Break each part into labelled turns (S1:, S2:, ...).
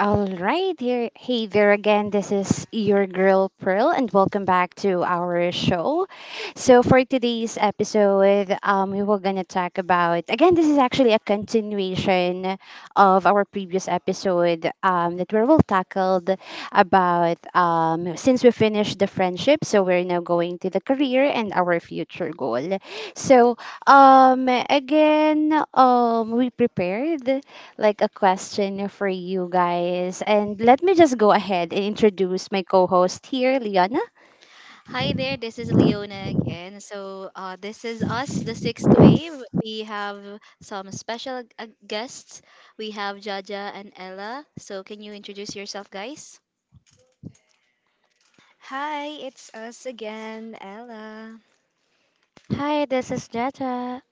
S1: All right, here, hey there again. This is your girl Pearl, and welcome back to our show. So for today's episode, we were gonna talk about again. This is actually a continuation of our previous episode that we will tackled about since we finished the friendship. So we're now going to the career and our future goal. So we prepared like a question for you guys. And let me just go ahead and introduce my co-host here, Liana.
S2: Hi there, this is Leona again. So, this is us, the sixth wave. We have some special guests. We have Jaja and Ella. So, can you introduce yourself, guys?
S3: Hi, it's us again, Ella.
S4: Hi, this is Jaja.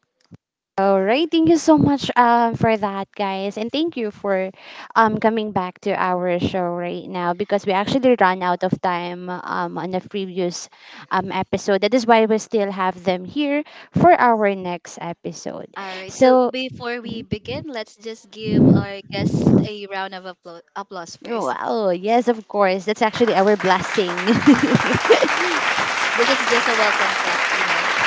S1: All right, thank you so much for that, guys, and thank you for coming back to our show right now because we actually ran out of time on the previous episode. That is why we still have them here for our next episode.
S2: All right. So,
S1: So,
S2: before we
S1: Mhm.
S2: begin, let's just give our guests a round of applause first.
S1: Wow, yes, of course, that's actually our blessing.
S2: This is just a welcome clap.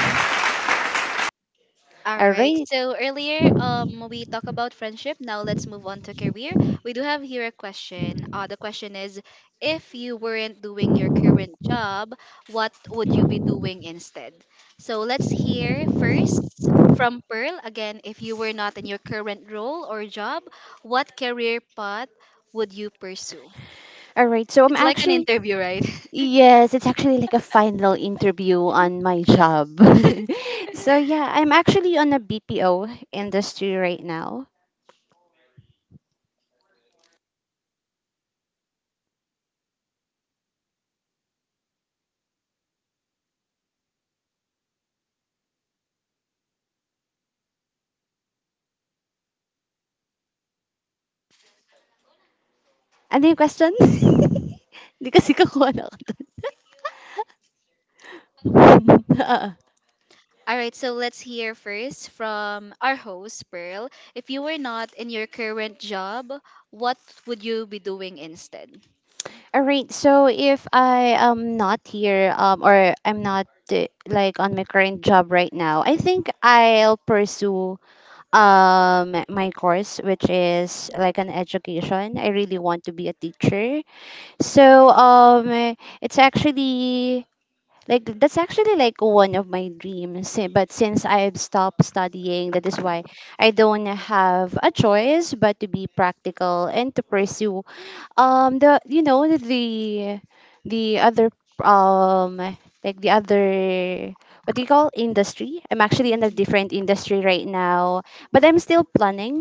S2: All
S1: All
S2: right.
S1: right.
S2: So earlier, we talked about friendship. Now let's move on to career. We do have here a question. The question is, if you weren't doing your current job, what would you be doing instead? So let's hear first from Pearl. Again, if you were not in your current role or job, what career path would you pursue?
S1: All right. So I'm
S2: It's like an
S1: actually
S2: interview, right?
S1: Yes, it's actually like a final interview on my job. So yeah, I'm actually on a BPO industry right now. Ano yung question? Hindi kasi kakuha na ako dun. Ah.
S2: All right, so let's hear first from our host, Pearl. If you were not in your current job, what would you be doing instead?
S1: All right. So if I am not here, or I'm not like on my current job right now, I think I'll pursue my course, which is like an education. I really want to be a teacher. So eh, it's actually like That's actually like one of my dreams. But since I've stopped studying, that is why I don't have a choice but to be practical and to pursue the you know the other um like the other what do you call industry? I'm actually in a
S2: Mm.
S1: different industry right now, but I'm still planning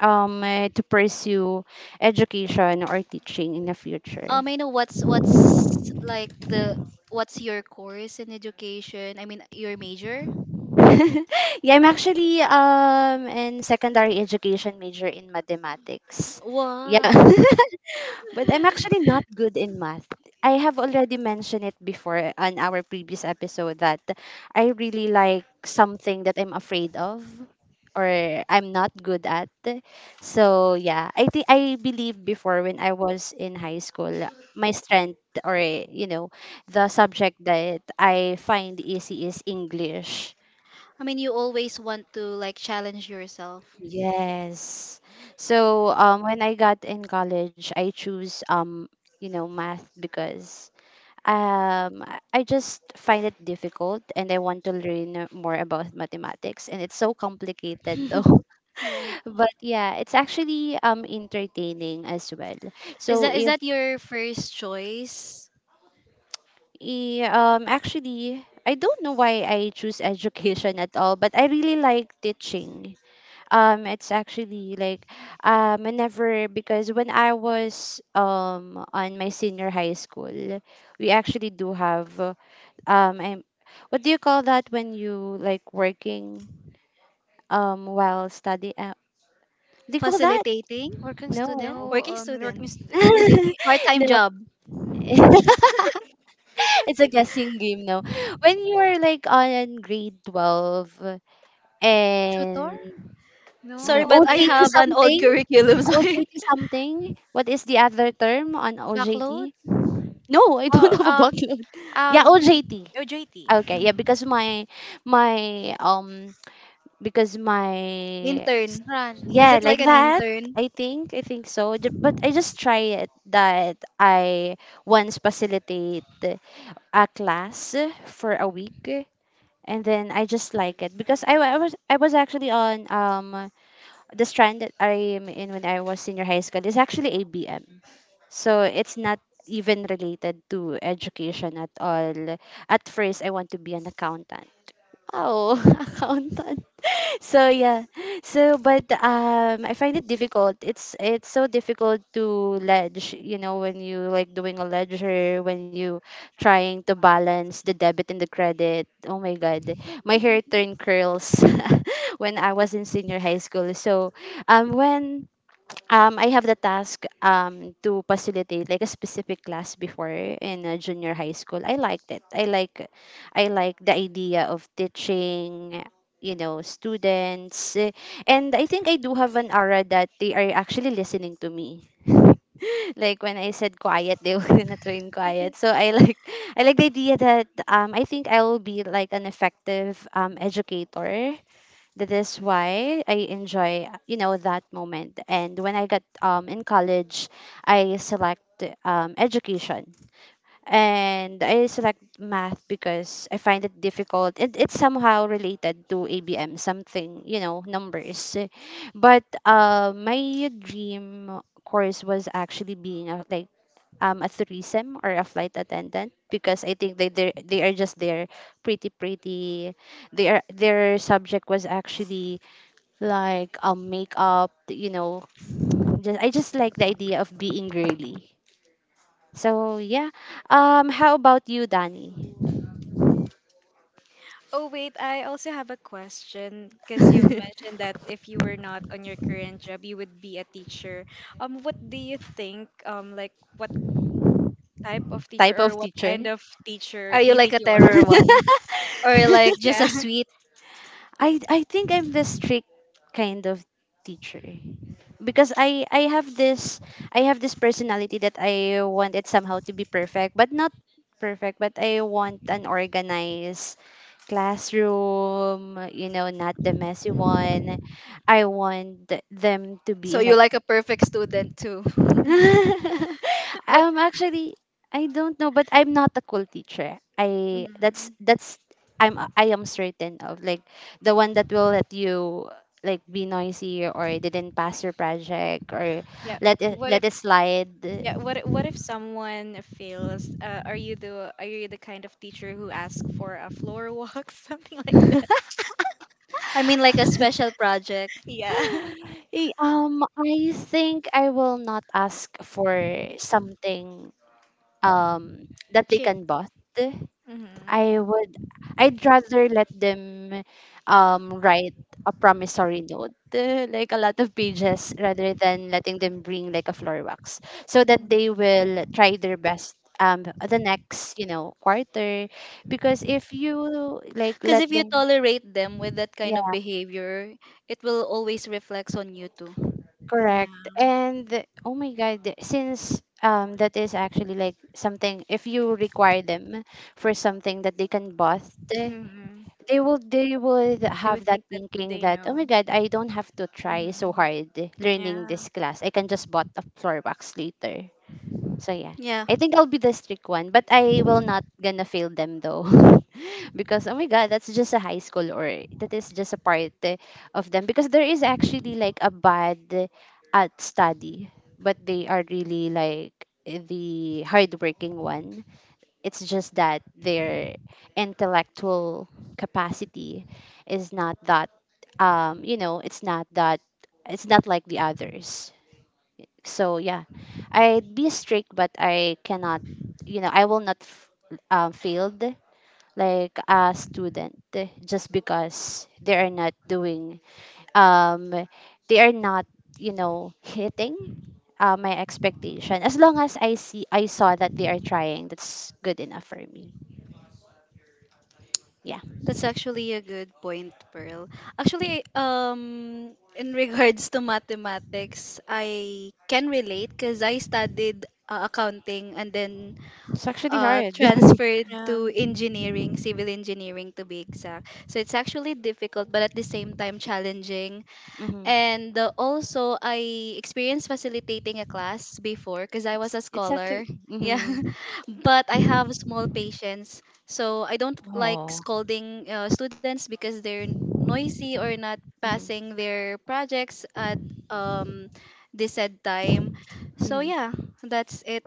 S1: to pursue education or teaching in the future.
S2: I know, what's like the what's your course in education? I mean, your major?
S1: Yeah, I'm actually in secondary education major in mathematics. Yeah.
S2: Wow.
S1: But I'm actually not good in math. I have already mentioned it before on our previous episode that I really like something that I'm afraid of or I'm not good at. So yeah, I believe before when I was in high school, my strength, or you know, the subject that I find easy is English.
S2: I mean, you always want to like challenge yourself.
S1: Yes. So when I got in college, I choose you know, math because I just find it difficult and I want to learn more about mathematics, and it's so complicated though.
S2: Yeah.
S1: But yeah, it's actually entertaining as well.
S2: Is
S1: So
S2: that is
S1: if
S2: that your first choice?
S1: I- Actually I don't know why I choose education at all, but I really like teaching. It's actually like whenever Because when I was on my senior high school, we actually do have um I'm, what do you call that when you like working while study, what do you call that?
S2: Facilitating?
S4: Working
S1: No.
S3: No,
S4: student,
S2: Working student.
S3: working student. Hindi,
S2: Part-time
S1: No.
S2: job.
S1: It's a guessing game, no, when you are like on grade 12
S4: tutor,
S1: and
S2: Sorry,
S1: No,
S2: but
S3: no,
S2: I
S3: like
S1: OJT
S3: a
S2: have an old
S1: something?
S2: curriculum. So
S1: OJT something? What is the other term on
S4: backload,
S1: OJT? No, I don't
S4: or
S1: have a background. Yeah,
S4: um
S1: OJT.
S3: OJT.
S1: Okay, yeah,
S3: Mhm.
S1: because my because my
S2: intern.
S4: strand
S2: Is
S1: yeah,
S2: it like
S1: like
S2: an
S1: that.
S2: intern?
S1: I think so. But I just try it that I once facilitate a class for a week, and then I just like it because I was actually on the strand that I am in when I was senior high school is actually ABM. So it's not even related to education at all. At first, I want to be an accountant. Oh, accountant. So yeah. So but I find it difficult. It's so difficult to ledge, you know, when you like doing a ledger, when you trying to balance the debit and the credit. Oh my god. My hair turned curls when I was in senior high school. So when I have the task, to facilitate like a specific class before in junior high school. I liked it. I like the idea of teaching, you know, students, and I think I do have an aura that they are actually listening to me. Like when I said quiet, they were gonna turn quiet. So I like I like the idea that I think I will be like an effective educator. That is why I enjoy, you know, that moment. And when I got in college, I select education and I select math because I find it difficult. It's somehow related to ABM, something, you know, numbers, but my dream course was actually being a, like a tourism or a flight attendant, because I think they are just there, pretty pretty, their subject was actually like makeup, you know. Just I just like the idea of being girly. So yeah. How about you, Danny?
S3: Oh, wait, I also have a question because you've mentioned that if you were not on your current job, you would be a teacher. What do you think, like what type of teacher
S1: Type
S3: or
S1: of
S3: what
S1: teacher?
S3: kind of teacher
S2: Are
S3: do
S2: you
S3: you
S2: like a
S3: think you are?
S2: terror one? Or like just a
S3: Yeah.
S2: sweet?
S1: I think I'm the strict kind of teacher. Because I have this personality that I want it somehow to be perfect, but not perfect, but I want an organized classroom, you know, not the messy
S3: Mhm.
S1: one. I want them to be
S2: So
S1: in a
S2: you like a perfect student too.
S3: What
S1: I'm actually I don't know, but I'm not a cool teacher. I that's
S3: Mhm.
S1: that's I am certain of like the one that will let you like be noisy or didn't pass your project or
S3: Yeah. What if
S1: let it slide.
S3: yeah, what if someone fails? Are you the kind of teacher who asks for a floor walk something like that?
S2: I mean like a special project.
S3: Yeah.
S1: I think I will not ask for something that they
S4: chip.
S1: can bought.
S3: Mhm.
S1: I would I'd rather let them write a promissory note, like a lot of pages, rather than letting them bring like a floor wax, so that they
S3: Mhm.
S1: will try their best the next, you know, quarter, because if you like
S2: Because
S1: let
S2: if you
S1: them
S2: tolerate them with that kind of
S1: yeah
S2: behavior, it will always reflects on you too.
S3: Yeah.
S1: correct. And oh my god, since that is actually like something, if you require them for something that they can bust,
S3: Mhm.
S1: they will they would
S3: Do we
S1: have that
S3: think that
S1: thinking
S3: they
S1: that oh
S3: know?
S1: my god, I don't have to try so
S3: Mhm.
S1: hard learning
S3: Yeah.
S1: this class, I can just bought a floor box later. So yeah,
S2: Yeah.
S1: I think I'll be the strict one, but I will not gonna fail them though. Because oh my god, that's just a high school, or that is just a part, of them, because there is actually like a bad at study, but they are really like the hardworking one. It's just that their intellectual capacity is not that, you know, it's not like the others. So yeah, I'd be strict, but I cannot, you know, I will not f- failed like a student just because they are not doing, um, they are not, you know, hitting my expectation. As long as I saw that they are trying, that's good enough for me. Yeah.
S2: That's actually a good point, Pearl. Actually, in regards to mathematics, I can relate because I studied accounting and then
S1: It's actually hard.
S2: transferred
S3: Yeah.
S2: to engineering, civil engineering to be exact. So it's actually difficult, but at the same time challenging.
S1: Hmm.
S2: And also, I experienced facilitating a class before because I was a
S1: It's actually
S2: scholar. Yeah,
S1: hmm.
S2: but I have small patience, so I don't like
S1: Oh.
S2: scolding students because they're noisy or not
S1: Hmm.
S2: passing their projects at um the said time. So
S1: Hmm.
S2: yeah, that's it.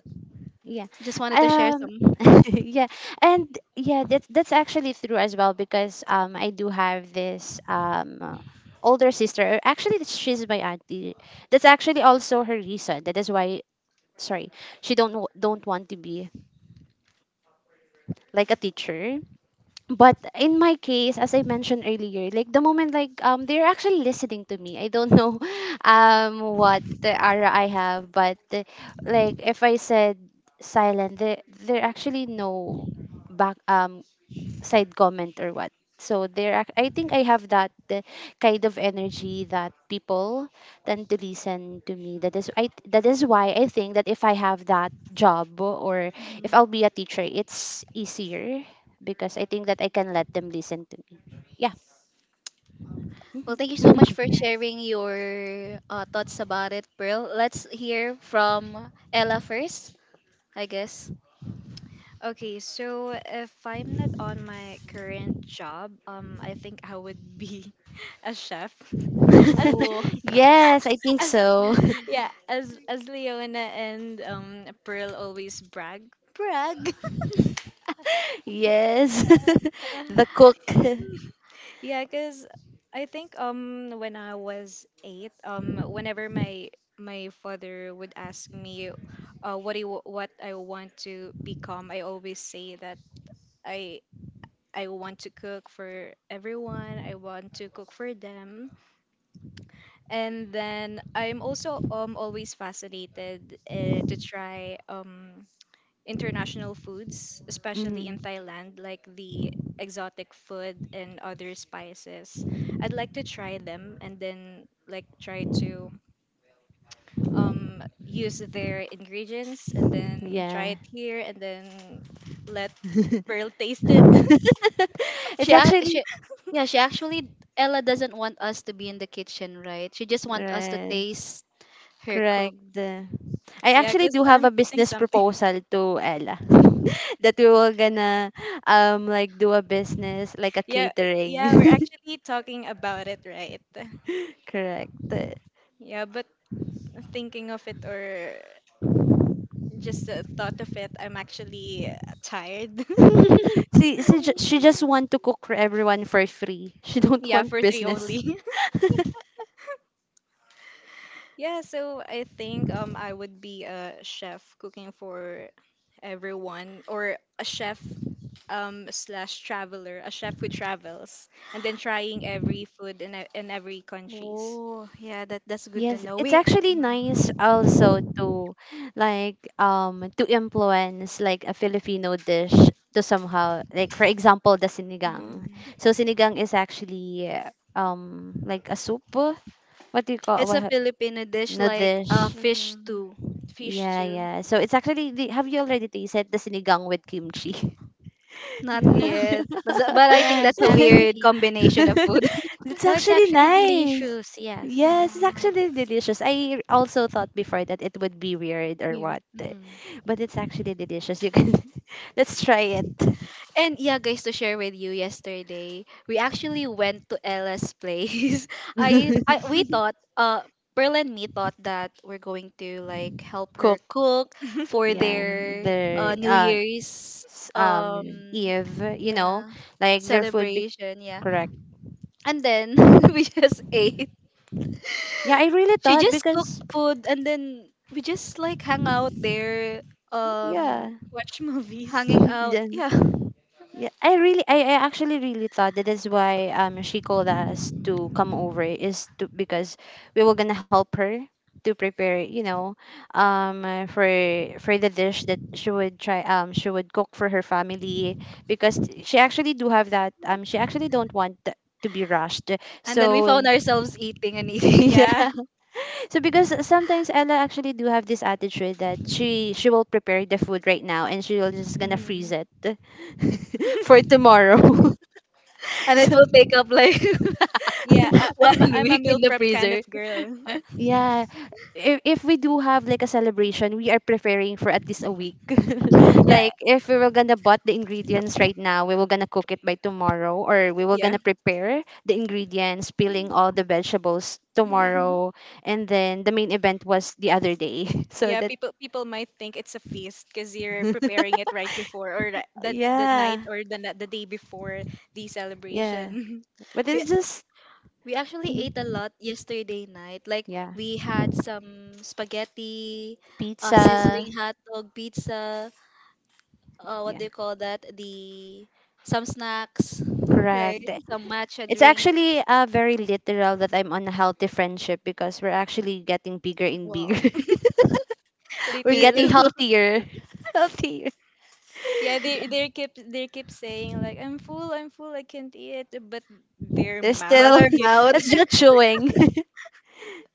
S1: Yeah.
S2: Just wanted to share
S1: Um
S2: some.
S1: yeah. And yeah, that's actually true as well because I do have this older sister. Actually she's my auntie. That's actually also her reason. That is why sorry, she don't wa- don't want to be like a teacher. But in my case, as I mentioned earlier, like the moment like they're actually listening to me, I don't know what the aura I have, but like if I said silent, they there actually no back side comment or what. So there, I think I have that kind of energy that people tend to listen to me. That is, I that is why I think that if I have that job or if
S3: Hmm.
S1: I'll be a teacher, it's easier because I think that I can let them listen to me. Yeah.
S2: Well,
S1: Mhm.
S2: thank you so much for
S3: Right.
S2: sharing your thoughts about it, Pearl. Let's hear from Ella first, I guess.
S3: Okay, so if I'm not on my current job, I think I would be a chef. As
S2: True.
S1: Yes, I think
S3: as
S1: so.
S3: yeah, as Leona and Pearl always brag, brag.
S1: Yes, the cook.
S3: Yeah, cause I think when I was eight, whenever my my father would ask me, what do you, what I want to become, I always say that. I I want to cook for everyone. I want to cook for them. And then I'm also always fascinated to try international foods, especially in
S1: Mhm.
S3: Thailand, like the exotic food and other spices. I'd like to try them and then like try to um use their ingredients and then try
S1: Yeah,
S3: it here and then let Pearl taste it.
S1: it's
S2: She, ac-
S1: actually
S2: she, yeah, she actually, Ella doesn't want us to be in the kitchen, right? She just want us to
S1: right.
S2: taste her cook.
S1: Correct. I
S3: Yeah,
S1: actually
S3: because
S1: do have
S3: I'm
S1: a
S3: putting
S1: business
S3: something.
S1: proposal to Ella that we were gonna like do a business like a
S3: Yeah,
S1: catering.
S3: yeah, we're actually talking about it, right?
S1: Correct.
S3: Yeah, but thinking of it or just the thought of it, I'm actually tired.
S1: She just want to cook for everyone for free. She don't
S3: Yeah,
S1: want
S3: for three
S1: business.
S3: only. Yeah, so I think I would be a chef cooking for everyone or a chef slash traveler, a chef who travels and then trying every food in in every countries.
S2: Oh, yeah, that's good to
S1: Yes,
S2: know.
S1: it's actually
S3: Mhm.
S1: nice also to like to influence like a Filipino dish to somehow, like for example, the sinigang.
S3: Mhm.
S1: So sinigang is actually like a soup, what do you call
S2: It's
S1: what
S2: a Filipino dish
S1: no
S2: like
S1: dish?
S2: fish
S3: Hmm.
S2: stew.
S3: Fish
S1: Yeah,
S3: too.
S1: yeah. So it's actually have you already tasted the sinigang with kimchi?
S2: Not
S3: No.
S1: Have you?
S2: yet, but but I think
S4: Yes,
S2: that's a weird
S4: actually.
S2: combination of food.
S1: It's
S4: No, it's
S1: actually
S4: actually
S1: nice.
S4: delicious.
S1: Yes,
S4: Yes.
S1: it's
S2: Yeah.
S1: actually delicious. I also thought before that it would be weird or
S4: Weird.
S1: what, but it's actually delicious. You can let's try it.
S2: And yeah, guys, to share with you yesterday, we actually went to Ella's place. I we thought Pearl and me thought that we're going to like help her
S1: Cook,
S2: cook for
S1: yeah,
S2: their
S1: their
S2: New Year's
S1: s- um Eve, you know,
S2: yeah
S1: like their food be
S2: celebration, yeah.
S1: correct.
S2: And then we just ate.
S1: Yeah, I really
S2: She
S1: thought
S2: just cooked
S1: because
S2: food and then we just like hung out there
S1: yeah
S2: um
S3: Watch movies.
S2: hanging out.
S1: then
S2: Yeah.
S1: I actually really thought that is why she called us to come over is to because we were gonna help her to prepare um uh, for for the dish that she would try she would cook for her family because she actually do have that she actually don't want to be rushed
S2: And then we
S1: so
S2: found ourselves eating and eating.
S3: Yeah.
S1: yeah. So because sometimes Ella actually do have this attitude that she will prepare the food right now and she will just gonna
S3: Hmm.
S1: freeze it for tomorrow.
S2: And it
S1: So,
S2: will take up like
S3: Yeah,
S2: one
S3: I'm a
S2: week
S3: meal
S2: in the
S3: prep kind of
S2: freezer.
S3: girl.
S1: yeah. If we do have like a celebration, we are preparing for at least a week.
S3: Yeah,
S1: Like if we were gonna bought the ingredients right now, we were gonna cook it by tomorrow, or we were
S3: yeah.
S1: gonna prepare the ingredients, peeling all the vegetables
S2: Yeah.
S1: tomorrow, and then the main event was the other day. So
S3: Yeah,
S1: that
S3: people people might think it's a feast because you're preparing it right before or the night
S1: yeah.
S3: or the the day before the
S1: Yeah,
S3: celebration.
S1: but
S2: We,
S1: it's just
S2: we actually ate a
S1: mhm.
S2: lot yesterday night. Like
S1: Yeah,
S2: we had some spaghetti,
S1: pizza.
S2: sizzling hot dog, pizza. What
S1: Yeah,
S2: do you call that? The Some snacks,
S1: correct.
S2: right? Some matcha
S1: It's
S2: drink.
S1: actually very literal that I'm on a healthy friendship because we're actually getting bigger and bigger.
S2: Wow.
S1: We're
S2: Me
S1: getting
S3: Literally.
S2: too.
S1: healthier, healthier.
S3: Yeah, they keep saying like I'm full, I can't eat, but their
S1: There's
S2: But
S3: mouth
S1: still
S2: our
S3: keeps
S2: mouth.
S1: that's
S3: eating.
S1: just chewing.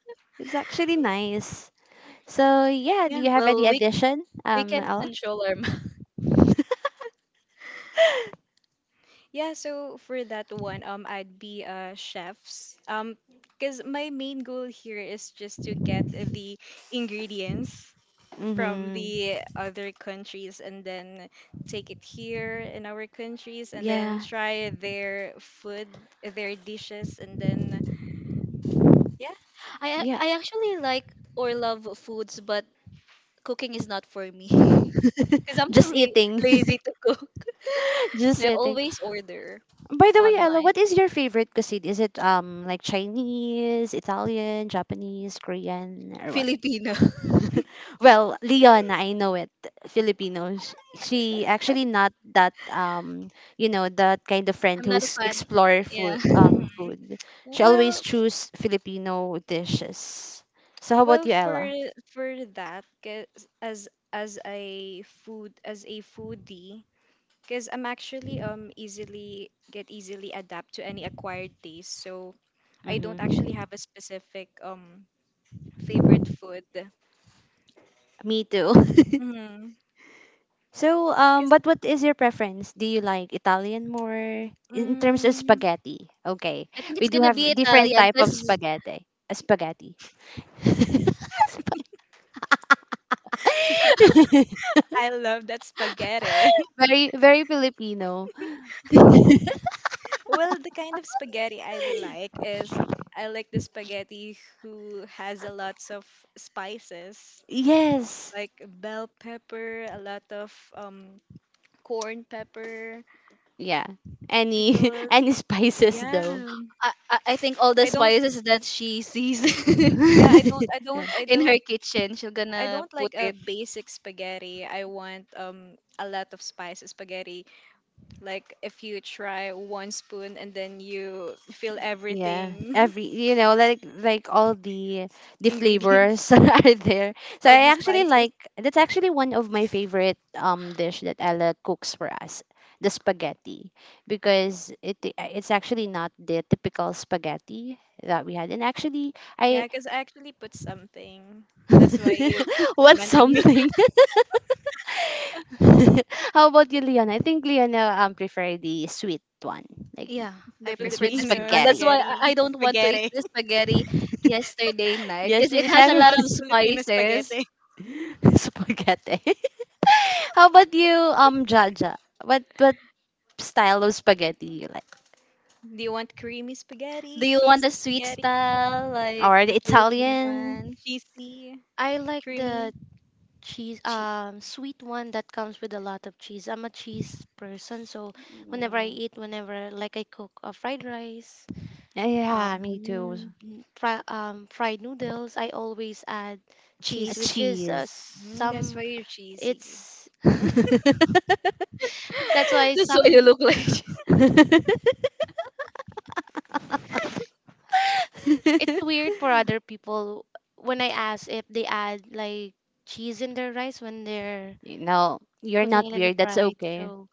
S1: It's actually nice. So yeah, do
S3: Yeah.
S1: you have any
S2: Well, we
S1: addition,
S2: we can
S1: Ella?
S2: control our mouth.
S3: Yeah, so for that one, I'd be chefs. Because my main goal here is just to get the ingredients from
S1: Mm-hmm.
S3: the other countries and then take it here in our countries and then
S1: Yeah,
S3: try their food, their dishes and then yeah.
S1: yeah.
S2: I actually like or love foods, but cooking is not for me. Because I'm
S1: Just
S2: too
S1: eating,
S2: lazy to cook.
S1: just
S2: So I
S1: eating.
S2: always order
S1: By the way, Ella,
S2: online
S1: what is your favorite cuisine? Is it like Chinese, Italian, Japanese, Korean, or what?
S2: Filipino.
S1: Well, Leon, I know it. Filipino. She actually not that you know that kind of friend
S2: I'm
S1: who
S2: not a
S1: is
S2: fan.
S1: explore food
S2: Yeah,
S3: Mhm.
S1: food. She
S3: Well,
S1: always choose Filipino dishes. So how about
S3: well,
S1: you, Ella?
S3: for that, 'cause as a foodie, because I'm actually easily get easily adapt to any acquired taste, so I don't
S1: Mm-hmm.
S3: actually have a specific favorite food.
S1: Me too.
S3: Mm-hmm.
S1: So,
S3: Cause
S1: but what is your preference? Do you like Italian more in terms of
S3: mm,
S1: spaghetti? Okay,
S2: I think
S1: we
S2: it's
S1: do
S2: gonna be
S1: have different
S2: Italian
S1: type of
S2: because
S1: spaghetti. Spaghetti.
S3: I love that spaghetti.
S1: Very, very Filipino.
S3: Well, the kind of spaghetti I like is I like the spaghetti who has a lots of spices.
S1: Yes.
S3: Like bell pepper, a lot of corn pepper,
S1: Yeah. Any,
S3: pickles.
S1: any spices
S3: Yeah.
S1: though.
S2: I think all the
S3: I don't
S2: spices that she sees
S3: yeah, I don't I don't I
S2: in
S3: don't
S2: her kitchen, she's
S3: I
S2: gonna
S3: don't
S2: put
S3: like a
S2: it.
S3: basic spaghetti. I want a lot of spices spaghetti. Like if you try one spoon and then you feel
S1: Yeah,
S3: everything
S1: every you know, like all the
S3: ingredients,
S1: flavors
S3: yeah,
S1: are there. So
S3: all
S1: I
S3: the
S1: actually
S3: spices.
S1: like that's actually one of my favorite dish that Ella cooks for us, the spaghetti, because it it's actually not the typical spaghetti that we had. And actually,
S3: Yeah,
S1: I
S3: because I actually put something. That's why you keep
S1: what's
S3: complimenting
S1: something? How about you, Leon? I think Leon prefer the sweet one, like
S2: Yeah, I
S3: the
S1: the
S2: prefer
S1: sweet
S2: the sweet
S3: Filipino
S2: one. That's
S1: spaghetti.
S2: why I
S3: spaghetti.
S2: don't want to eat
S3: Spaghetti.
S2: the spaghetti yesterday night
S1: Yes,
S2: because it
S1: she
S2: has a
S3: She
S2: lot of
S3: wants Filipino
S2: spices.
S3: spaghetti.
S1: spaghetti. How about you, Jaja? What style of spaghetti you like?
S3: Do you want creamy
S2: Do
S3: spaghetti?
S2: you want the
S3: Cheesy
S2: sweet
S3: spaghetti?
S2: style like
S1: Or
S2: the
S1: the
S2: Filipino
S1: Italian?
S2: one?
S3: Cheesy?
S4: I like the
S3: Creamy?
S2: Chi-
S4: sweet one that comes with a lot of cheese. I'm a cheese person, so
S2: mm.
S4: whenever like I cook a fried rice, uh,
S1: Yeah, me too.
S3: Mm,
S4: fried noodles. I always add
S1: A
S4: cheese,
S2: Cheese.
S4: which is
S1: cheese.
S3: mm, that's
S4: some.
S3: why you're cheesy.
S4: It's
S1: You
S4: That's why
S2: That's why you
S4: some.
S2: look like cheese.
S4: It's weird for other people when I ask if they add like cheese in their rice when they're
S1: know, you're
S4: cooking
S1: not
S4: it in the
S1: weird. That's
S4: fried.
S1: okay.
S4: So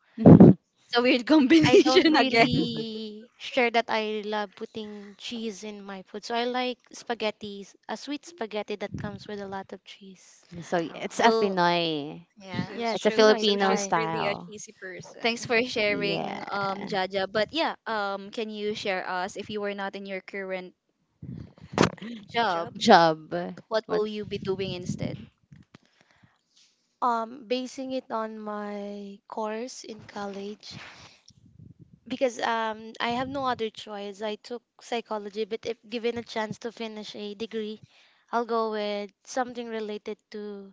S2: It's a weird
S4: I don't
S2: combination again.
S4: really share that I love putting cheese in my food. So I like spaghetti, a sweet spaghetti that comes with a lot of cheese.
S1: So yeah,
S3: Oh,
S1: it's a
S2: Well,
S1: Pinoy.
S2: yeah.
S3: so,
S1: It's
S4: Yes, a
S1: a
S3: so
S4: Pinoy
S3: so
S1: Filipino
S3: she's
S4: style.
S3: really a
S1: style.
S3: cheesy
S2: Thanks
S3: person.
S2: for sharing,
S1: Yeah.
S2: Jaja. But yeah, can you share us if you were not in your current
S3: Job?
S2: job,
S1: Job.
S2: what
S1: What?
S2: will you be doing instead?
S4: Basing it on my course in college, because I have no other choice. I took psychology, but if given a chance to finish a degree, I'll go with something related to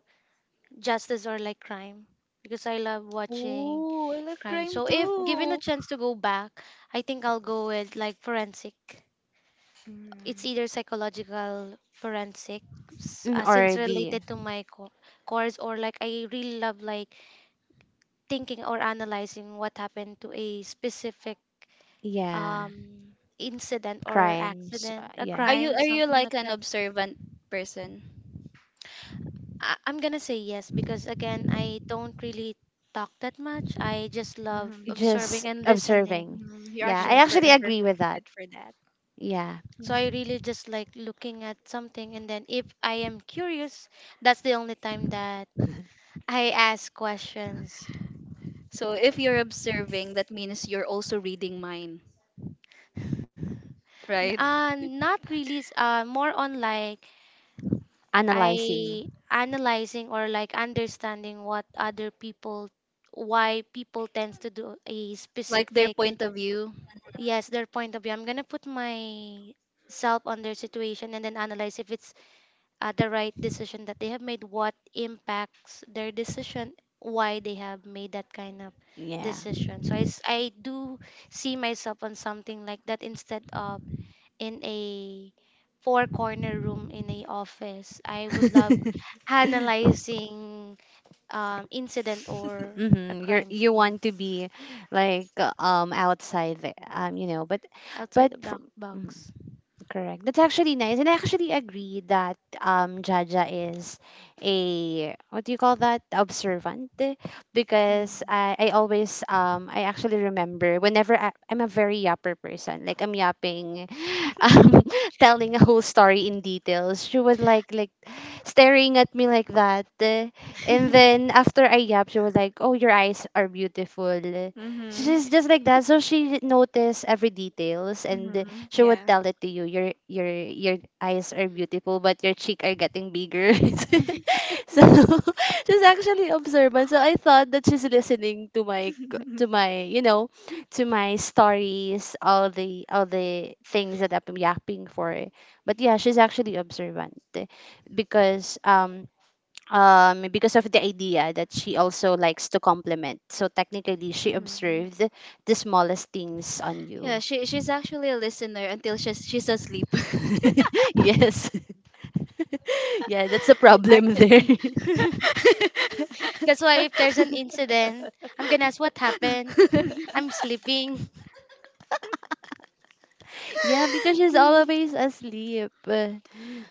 S4: justice or like crime, because I love watching
S2: Oh, I love
S4: crime.
S2: crime
S4: So if given a
S2: too.
S4: chance to go back, I think I'll go with like forensic.
S3: Mm.
S4: It's either psychological forensic,
S1: Or
S4: since
S1: the
S4: related to my course, or like I really love like thinking or analyzing what happened to a specific
S1: yeah
S4: um, incident or
S1: crimes.
S4: accident, a
S1: Yeah.
S2: Are you
S4: crime,
S2: are you
S4: something
S2: like
S4: like
S2: an
S4: that.
S2: observant person?
S4: I'm gonna say yes because again, I don't really talk that much. I just love
S3: Hmm.
S1: Just
S4: observing and listening.
S1: observing.
S3: Hmm. You're
S1: Yeah, I
S3: actually
S4: Yes.
S1: actually
S3: a
S4: Mm.
S1: agree
S3: perfect
S1: with that.
S3: fit for that.
S1: Yeah,
S4: So I
S3: Hmm.
S4: really just like looking at something, and then if I am curious, that's the only time that I ask questions.
S2: So if you're observing, that means you're also reading mine, right?
S4: Not really. More on like
S1: analyzing.
S4: I analyzing or like understanding what other people, why people tends to do a
S2: Like their
S4: specific,
S2: point of view.
S4: yes, their point of view. I'm gonna put myself on their situation and then analyze if it's the right decision that they have made, what impacts their decision, why they have made that kind of
S1: Yeah.
S4: decision. I do see myself on something like that instead of in a four corner room in a office. I would love analyzing incident or a
S1: hmm You're
S4: crime
S1: you
S4: scene
S1: want to be like outside the, you know, but
S4: outside
S1: but
S4: of the
S1: fr- mm.
S4: box.
S1: Correct. That's actually nice. And I actually agree that Jaja is a what do you call that? Observant. Because I always I actually remember whenever I, I'm a very yapper person. Like I'm yapping um telling a whole story in details. She was like staring at me like that. And then after I yap, she was like, Oh, your eyes are beautiful.
S3: Hmm.
S1: She's just like that. So she noticed every details and
S3: Hmm.
S1: she would
S3: Yeah.
S1: tell it to you your eyes are beautiful but your cheek are getting bigger
S3: Mhm.
S1: so she's actually observant so I thought that she's listening to my to my to my stories all the things that I'm yapping for but yeah she's actually observant because um because of the idea that she also likes to compliment so technically she
S3: Hmm.
S1: observed the smallest things on you
S2: Yeah, she's actually a listener until she's asleep.
S1: yes. Yeah, that's a problem there.
S3: Actually,
S4: That's why if there's an incident, I'm gonna ask what happened. I'm sleeping.
S1: Yeah, because she's always asleep.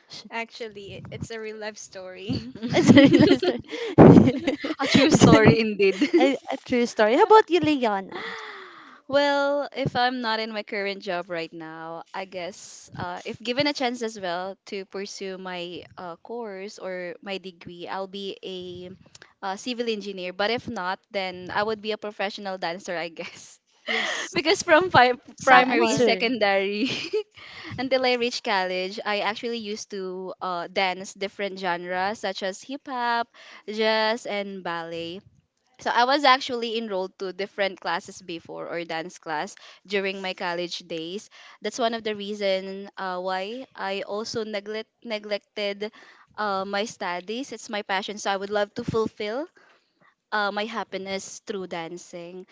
S1: sh-
S3: actually, it's a real life story.
S1: It's a real story.
S2: A true
S1: It's
S2: story
S1: a,
S2: indeed.
S1: a true story. How about you, Leona?
S2: Well, if I'm not in my current job right now, I guess if given a chance as well to pursue my course or my degree, I'll be a civil engineer. But if not, then I would be a professional dancer, I guess.
S4: Yes.
S2: Because from
S1: The
S2: primary,
S4: Sample.
S1: answer.
S2: secondary, until I reached college, I actually used to dance different genres such as hip hop, jazz, and ballet. So I was actually enrolled to different classes before or dance class during my college days. That's one of the reason why I also neglected my studies. It's my passion, so I would love to fulfill my happiness through dancing.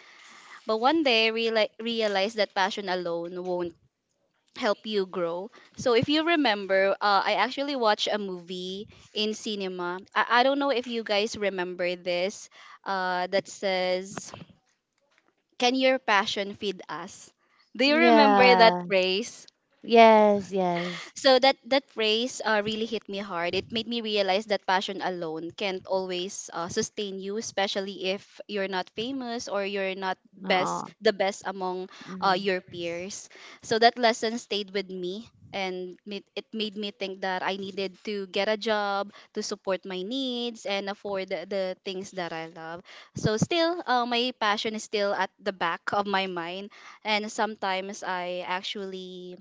S2: But one day, realized that passion alone won't help you grow. So if you remember, I actually watched a movie in cinema. I don't know if you guys remember this, that says, "Can your passion feed us?" Do you remember that
S1: Yeah.
S2: phrase?
S1: Yes, yes.
S2: So that phrase really hit me hard. It made me realize that passion alone can't always sustain you, especially if you're not famous or you're not
S1: Oh.
S2: best the best among
S1: hmm
S2: your peers. So that lesson stayed with me, and it made me think that I needed to get a job to support my needs and afford the things that I love. So still, my passion is still at the back of my mind, and sometimes I actually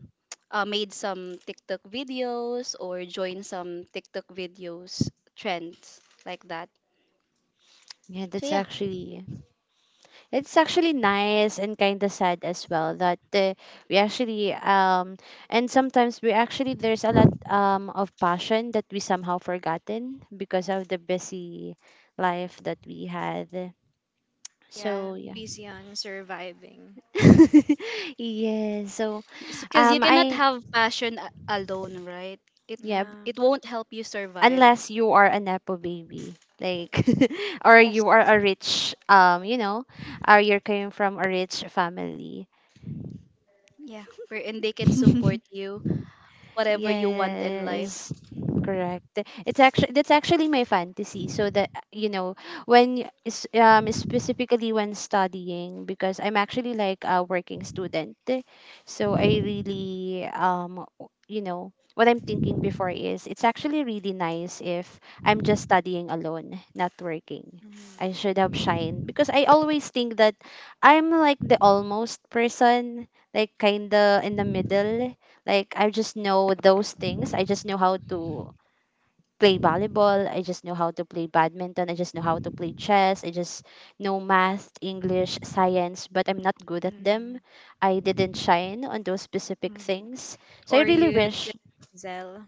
S2: made some TikTok videos or joined some TikTok videos trends like that.
S1: Yeah,
S2: So
S1: that's
S2: yeah,
S1: actually it's actually nice and kind of sad as well that we actually and sometimes we actually there's a lot of passion that we somehow forgotten because of the busy life that we had.
S3: Yeah,
S1: So yeah.
S3: busy on surviving.
S1: Yeah, so
S2: because you cannot
S1: I
S2: have passion alone, right? It
S1: yeah,
S3: Yeah.
S2: it won't help you survive.
S1: unless you are a nepo baby like or
S4: Yes.
S1: you are a rich you know or you're coming from a rich family.
S2: Yeah, wherein they can support you whatever you want in life.
S1: Yes, correct. It's actually that's actually my fantasy. So that you know, when specifically when studying, because I'm actually like a working student, so I really you know what I'm thinking before is it's actually really nice if I'm just studying alone, not working. I should have shined because I always think that I'm like the almost person, like kinda in the middle like I just know those things. I just know how to play volleyball. I just know how to play badminton. I just know how to play chess. I just know math, English, science, but I'm not good at
S3: Mm-hmm.
S1: them. I didn't shine on those specific
S3: Hmm.
S1: things. So I
S3: Or
S1: really
S3: you,
S1: wish.
S3: Denzel.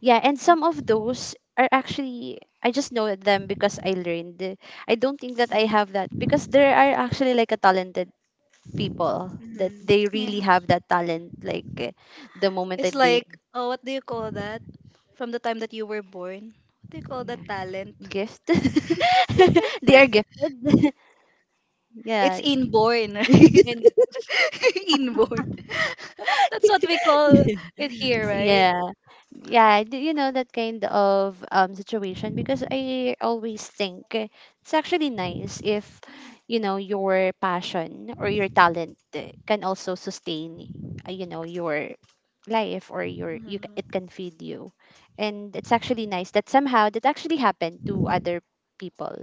S1: Yeah, and some of those are actually I just know them because I learned. I don't think that I
S3: Mm-hmm.
S1: have that because there are actually like a talented people that
S3: Mhm.
S1: they really
S2: Yeah,
S1: have that talent like eh, the moment
S2: it's
S1: that they
S2: like, oh, what do you call that? From the time that you were born, what do you call
S1: yeah.
S2: that talent?
S1: Gift. They are gifted.
S2: It's
S1: yeah.
S2: inborn, right?
S3: And
S2: Inborn. That's what we call it here, right?
S1: Yeah. Yeah, d- you know that kind of situation because I always think eh, it's actually nice if you know your passion or your talent eh, can also sustain you know your life or your you it can feed you. And it's actually nice that somehow that actually happened to other people.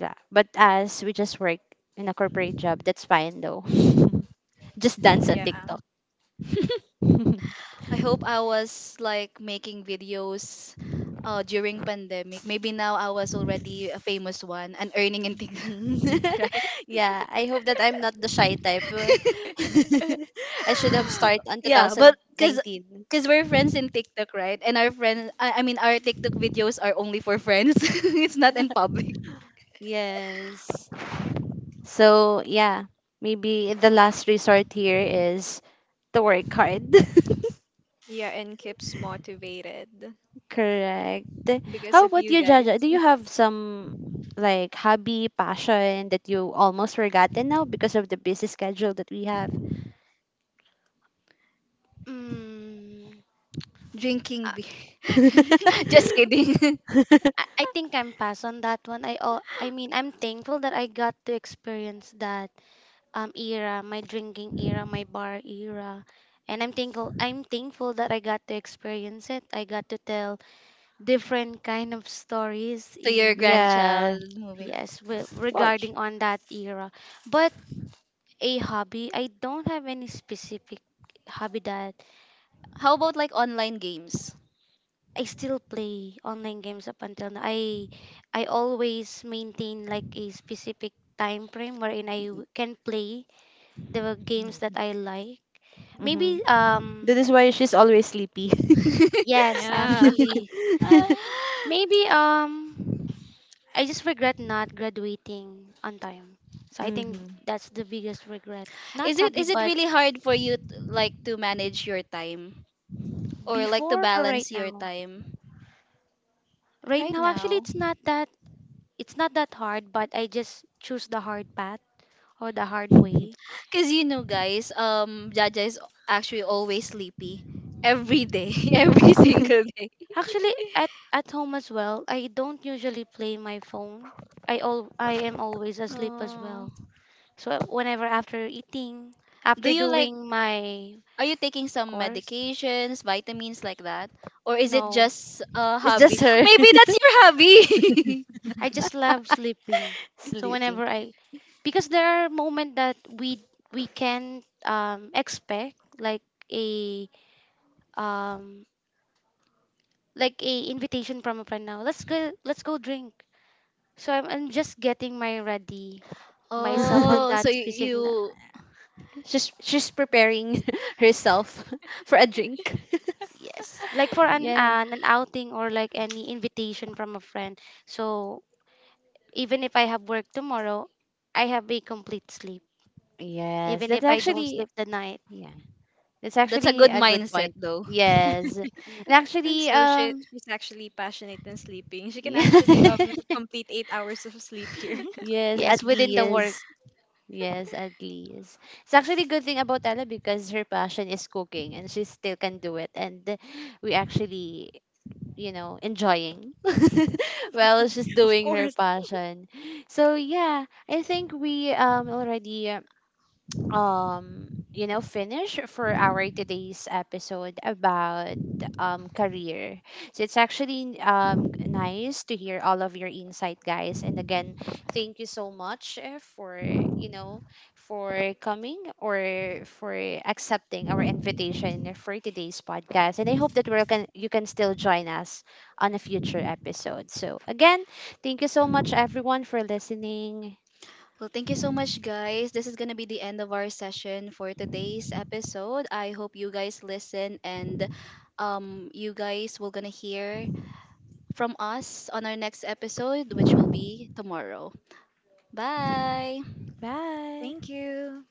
S1: Yeah. But as we just work in a corporate job, that's fine though. Just dance on
S3: yeah,
S1: TikTok.
S2: I hope I was like making videos during pandemic. Maybe now I was already a famous one and earning in TikTok, right?
S1: Yeah, I hope that I'm not the shy type. I should have started on
S2: Yeah, but because
S1: 2019.
S2: because we're friends in TikTok, right? And our friends, I mean, our TikTok videos are only for friends. It's not in public.
S1: Yes. So, yeah, maybe the last resort here is to work hard.
S3: yeah, and keeps motivated
S1: Correct.
S3: because
S1: How
S3: of
S1: about
S3: you
S1: you,
S3: guys.
S1: Jaja? Do you have some like hobby, passion that you almost forgotten now because of the busy schedule that we have?
S4: Mm,
S2: Drinking
S4: I,
S2: beer. Just kidding.
S4: I think I'm pass on that one. I mean I'm thankful that I got to experience that era, my drinking era, my bar era. And I'm thankful that I got to experience it. I got to tell different kind of stories
S2: To your
S4: in ba-
S1: yeah.
S2: grandchild moving forward.
S4: yes, with,
S1: Watch.
S4: regarding on that era. But a hobby, I don't have any specific hobby that
S2: How about like online games?
S4: I still play online games up until now. I always maintain like a specific time frame wherein can play the games that I like.
S1: Mm-hmm.
S4: Maybe
S1: That is why she's always sleepy.
S4: Yes,
S3: Yeah.
S4: actually.
S2: Ah,
S4: Maybe I just regret not graduating on time. So I think
S1: hmm
S4: that's the biggest regret. Not
S2: is it
S4: hobby,
S2: is it
S4: but
S2: really hard for you like to manage your time or like to
S4: before or right
S2: balance your
S4: now.
S2: time
S4: Right
S2: right
S4: now actually
S2: now?
S4: it's not that hard, but I just choose the hard path or the hard way.
S2: Cause, guys, Jaja is actually always sleepy every day, every single day.
S4: Actually at home as well, I don't usually play my phone. I am always asleep as
S2: Oh,
S4: well. So whenever after eating,
S2: do
S4: after
S2: you like?
S4: doing my
S2: Are you taking some
S4: course,
S2: medications, vitamins like that, or is it
S4: no,
S2: just a
S1: It's
S2: hobby?
S1: just her
S2: Maybe that's your hobby.
S4: I just love sleeping. So
S1: sleeping.
S4: whenever I, because there are moments that we can expect a um like a invitation from a friend now. Let's go, let's go drink. I'm just getting my ready myself on
S2: oh, so
S4: that specific
S2: you
S1: She's preparing herself for a drink.
S4: yes, like for
S1: Yeah.
S4: an outing or like any invitation from a friend, so even if I have work tomorrow I have a complete sleep
S1: Yes,
S4: even
S1: that's
S4: if I
S2: Mhm.
S4: don't
S1: actually
S4: sleep the night
S1: yeah. That's
S2: That's a
S1: actually
S2: good
S1: a good
S2: mindset,
S1: point.
S2: though.
S1: Yes. And actually
S3: So she she's actually passionate in sleeping. She can actually complete 8 hours of sleep here.
S1: yes,
S4: yes
S1: at
S4: within the work.
S1: least yes, at least. It's actually a good thing about Ella because her passion is cooking and she still can do it. And we actually you know, enjoying while she's
S3: Of
S1: doing her
S3: course.
S1: passion. So yeah, I think we already you know finish for our today's episode about career so it's actually nice to hear all of your insight guys and again thank you so much for you know for coming or for accepting our invitation for today's podcast and I hope that we can you can still join us on a future episode so again thank you so much everyone for listening
S2: Well, thank you so much, guys. This is going to be the end of our session for today's episode. I hope you guys listen and you guys will going to hear from us on our next episode, which will be tomorrow. Bye.
S4: Bye.
S3: Thank you.